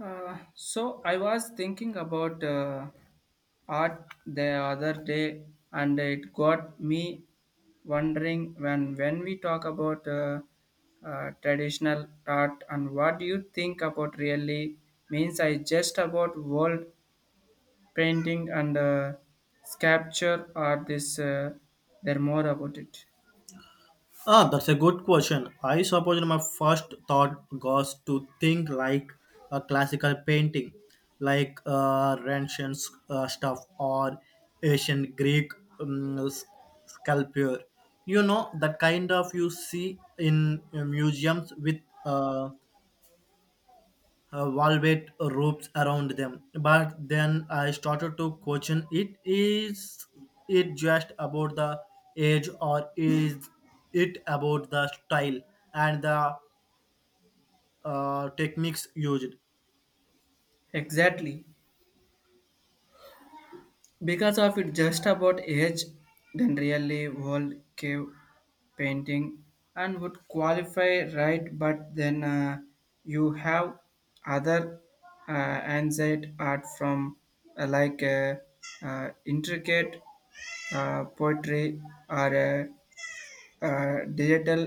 So I was thinking about art the other day, and it got me wondering when we talk about traditional art and what do you think about really means. I just about world painting and sculpture or this. There more about it. Ah, that's a good question. I suppose my first thought was to think like a classical painting, like Renshin stuff or ancient Greek um, s- sculpture. You know, the kind of you see in museums with uh, velvet ropes around them. But then I started to question it is it just about the age or is it about the style and the techniques used? Exactly. Because of it just about age then really world cave painting and would qualify right but then you have other anxiety art from like intricate poetry or digital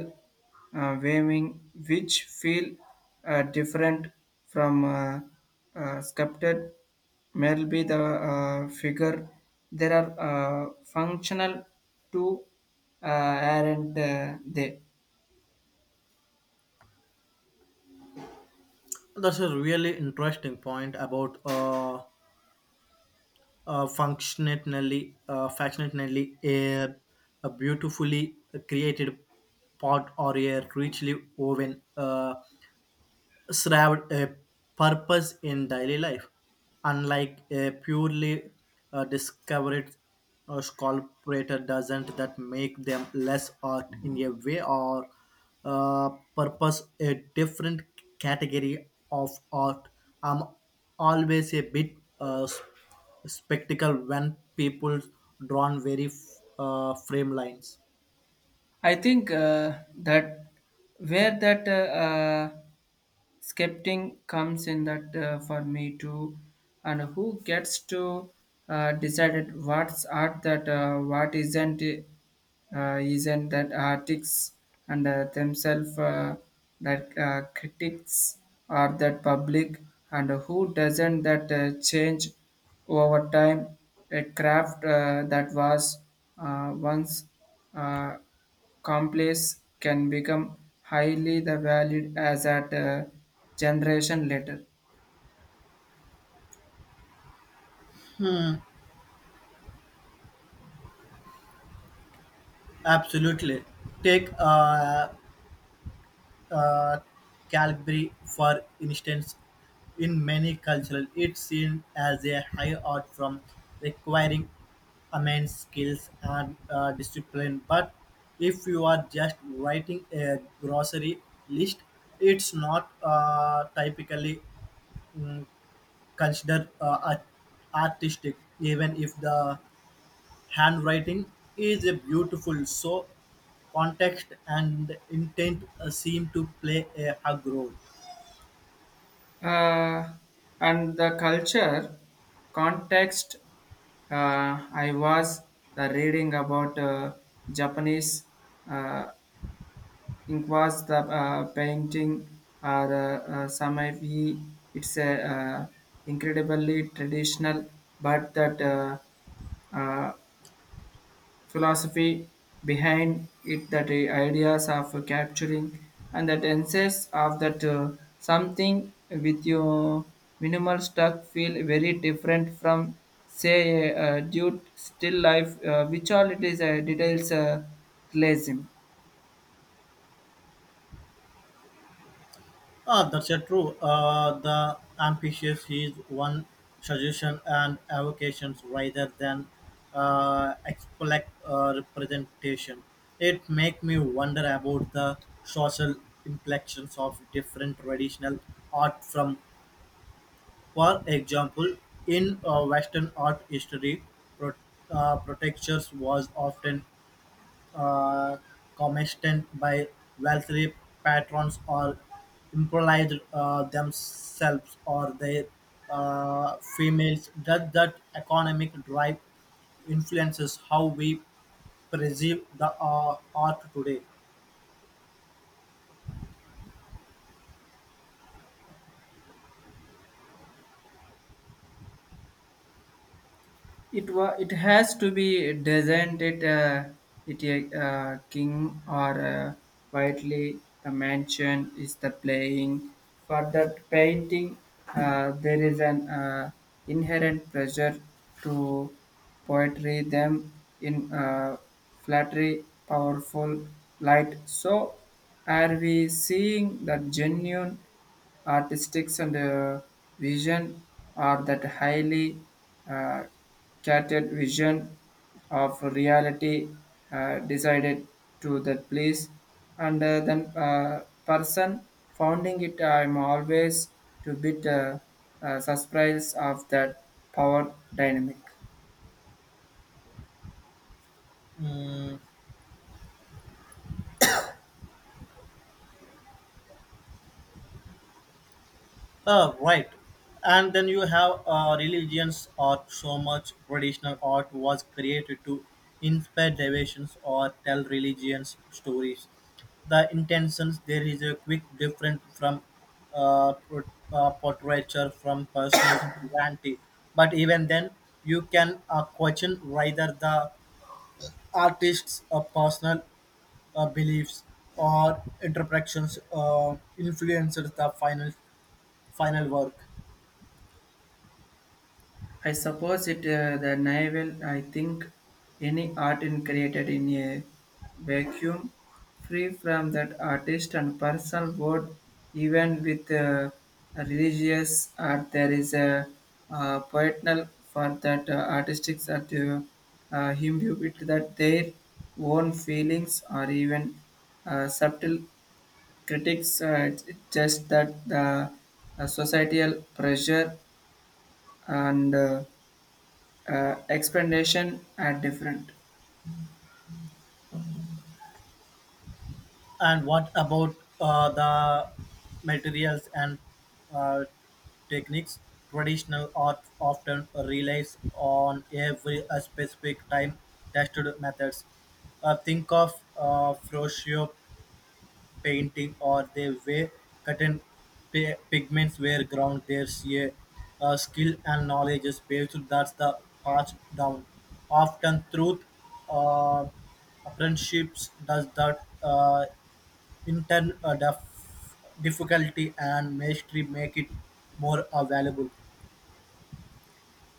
waving, which feel different from sculpted, may be the figure. There are functional to uh, aren't they? That's a really interesting point about functionally, functionally a beautifully created pot or a richly woven served a purpose in daily life, unlike a purely discovered sculptor doesn't that make them less art in a way or uh, purpose a different category of art. I'm always a bit uh, s- spectacle when people drawn very frame lines. I think that where that skeptic comes in that for me too, and who gets to decided what's art that what isn't that artists and themselves that critics or that public and who doesn't that change over time a craft that was once. Uh, complex can become highly the valued as at a generation later. Absolutely. Take uh, Calgary, for instance, in many cultures, it's seen as a high art form requiring immense skills and discipline. But if you are just writing a grocery list, it's not typically mm, considered artistic, even if the handwriting is a beautiful, so context and intent seem to play a hug role. Uh, and the culture context, I was the reading about Japanese uh, ink was the painting or samai. It's a incredibly traditional, but that uh, philosophy behind it that ideas of capturing and that sense of that something with your minimal stuff feel very different from say a due still life which all it is details realism. Ah, that's a true. The ambitious is one suggestion and avocations rather than expect representation. It make me wonder about the social inflections of different traditional art from. For example, in Western art history, pro- protectors was often uh, commissioned by wealthy patrons or improvised themselves or their females. That economic drive influences how we perceive the art today. It has to be designed not it it a king or quietly the mansion is the playing for that painting there is an inherent pressure to poetry them in flattery powerful light so are we seeing the genuine artistics and vision are that highly uh, catered vision of reality decided to that place and then person founding it I'm always to bit surprise of that power dynamic. Mm, right. And then you have religions art. So much traditional art was created to inspire devotions or tell religions stories. The intentions there is a quick difference from uh, pro- portraiture from personal vanity. But even then, you can question whether the artist's personal beliefs or interpretations influences the final work. I suppose it the navel. I think any art is created in a vacuum, free from that artist and personal world. Even with religious art, there is a poetical for that artistic art imbue with that their own feelings or even subtle critics. It's just that the societal pressure and explanation are different. And what about the materials and uh, techniques? Traditional art often relies on every specific time tested methods. Think of Frosio painting or the way cotton pigments were ground. There's a skill and knowledge is based that's the passed down. Often truth uh, apprenticeships does that in the difficulty and mastery make it more valuable.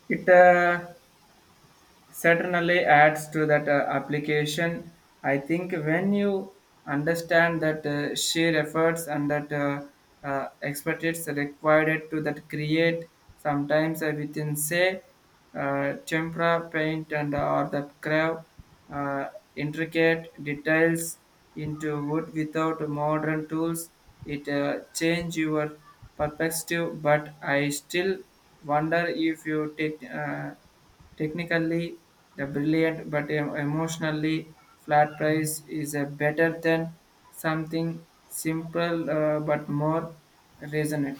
It certainly adds to that application. I think when you understand that sheer efforts and that expertise required to that create sometimes within say tempera paint and or the crave uh, intricate details into wood without modern tools it change your perspective but I still wonder if you take technically, the brilliant but emotionally flat prize is a better than something simple but more resonant.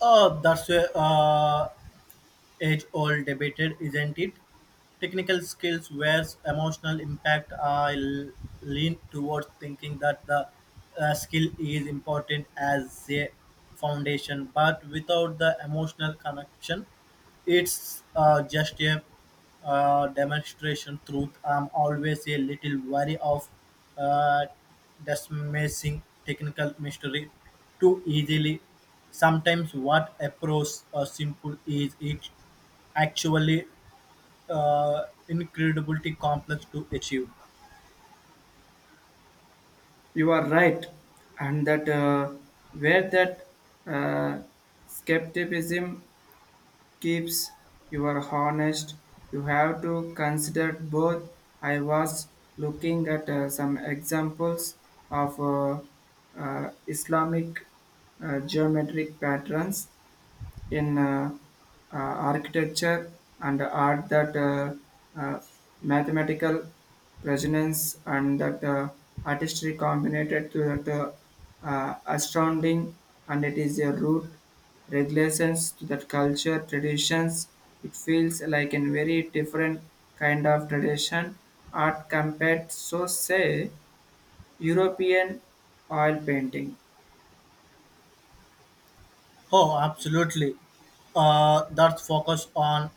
Oh, that's a age old debated, isn't it? Technical skills versus emotional impact. Lean towards thinking that the skill is important as a foundation, but without the emotional connection, it's just a demonstration truth. I'm always a little wary of uh, dismissing technical mystery too easily. Sometimes what approach simple is it actually incredibly complex to achieve. You are right, and that where that uh, skepticism keeps you honest, you have to consider both. I was looking at some examples of Islamic geometric patterns in uh, architecture and art that uh, mathematical resonance and that artistry combined to that astounding and it is a root regulations to that culture traditions it feels like a very different kind of tradition art compared so say European oil painting. Oh, absolutely. That's focus on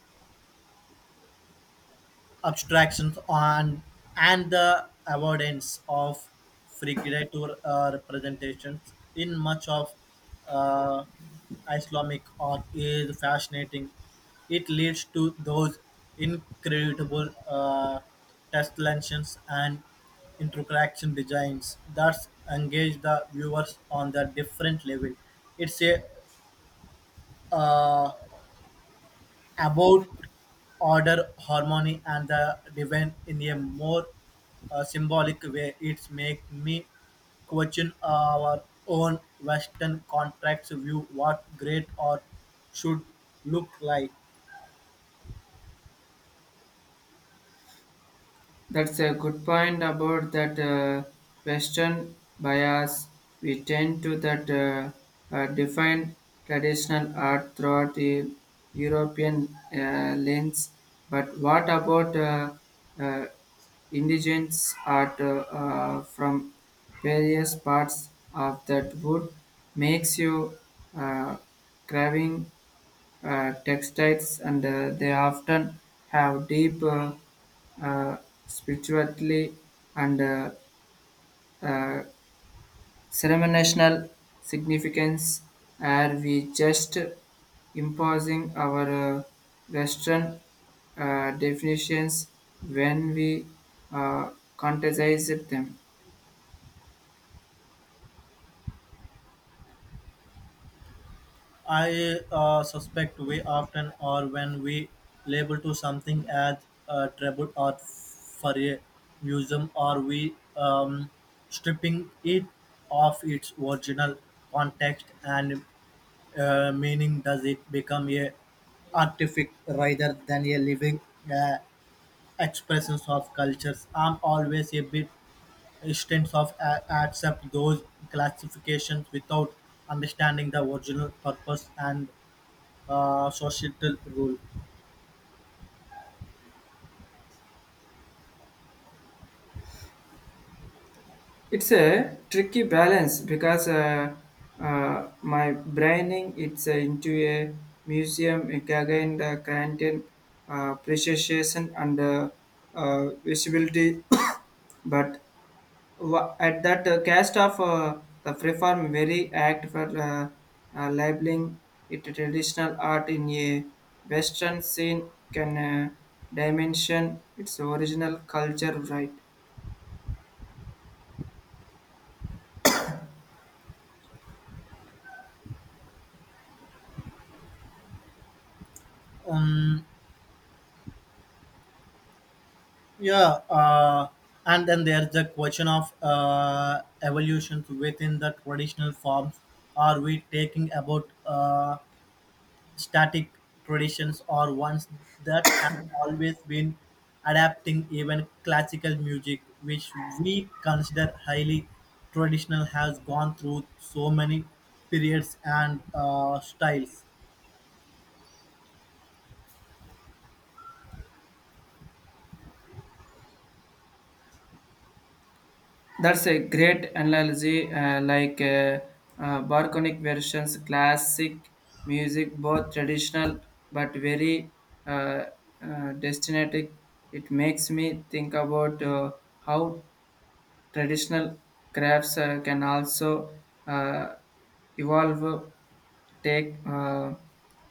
abstractions on and the avoidance of figurative representations in much of uh, Islamic art is fascinating. It leads to those incredible tessellations and interaction designs that engage the viewers on the different level. It's a uh, about order, harmony, and the divine in a more symbolic way. It makes me question our own Western contracts view what great art should look like. That's a good point about that Western bias. We tend to that define traditional art throughout the European lens. But what about uh, indigenous art from various parts of that wood makes you uh, craving? Textiles and they often have deep uh, spirituality and uh, ceremonial significance. Are we just imposing our Western definitions when we uh, criticize them? I suspect we often are when we label to something as treble art for a museum, are we stripping it of its original context and meaning, does it become a artifact rather than a living uh, expression of cultures? I'm always a bit hesitant of accept those classifications without understanding the original purpose and societal role. It's a tricky balance because my braining it's into a museum again the content precision and visibility, but at that cast of the preform very act for labeling it a traditional art in a western scene can dimension its original culture right. Um, yeah, and then there's the question of evolution within the traditional forms. Are we taking about static traditions are ones that have always been adapting, even classical music which we consider highly traditional has gone through so many periods and styles. That's a great analogy, like Barconic versions, classic music, both traditional but very uh, destinatic. It makes me think about how traditional crafts can also uh, evolve. Take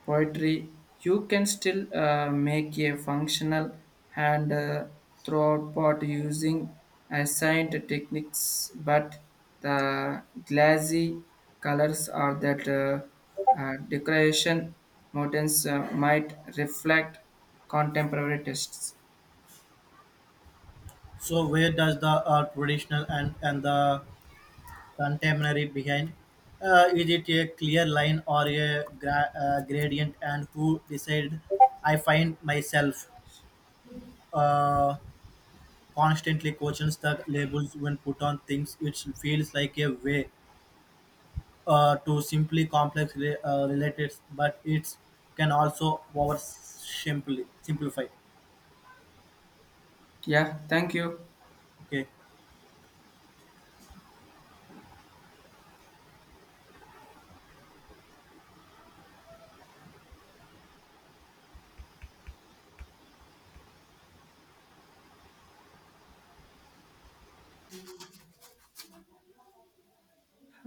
poetry, you can still make a functional hand throughout pot using assigned techniques, but the glassy colors or that decoration motifs might reflect contemporary tastes. So where does the traditional and the contemporary behind is it a clear line or a gradient and who decided? I find myself uh, constantly questions the labels when put on things. It feels like a way to simply complex relatives, but it can also over simply simplify. Yeah, thank you. Okay,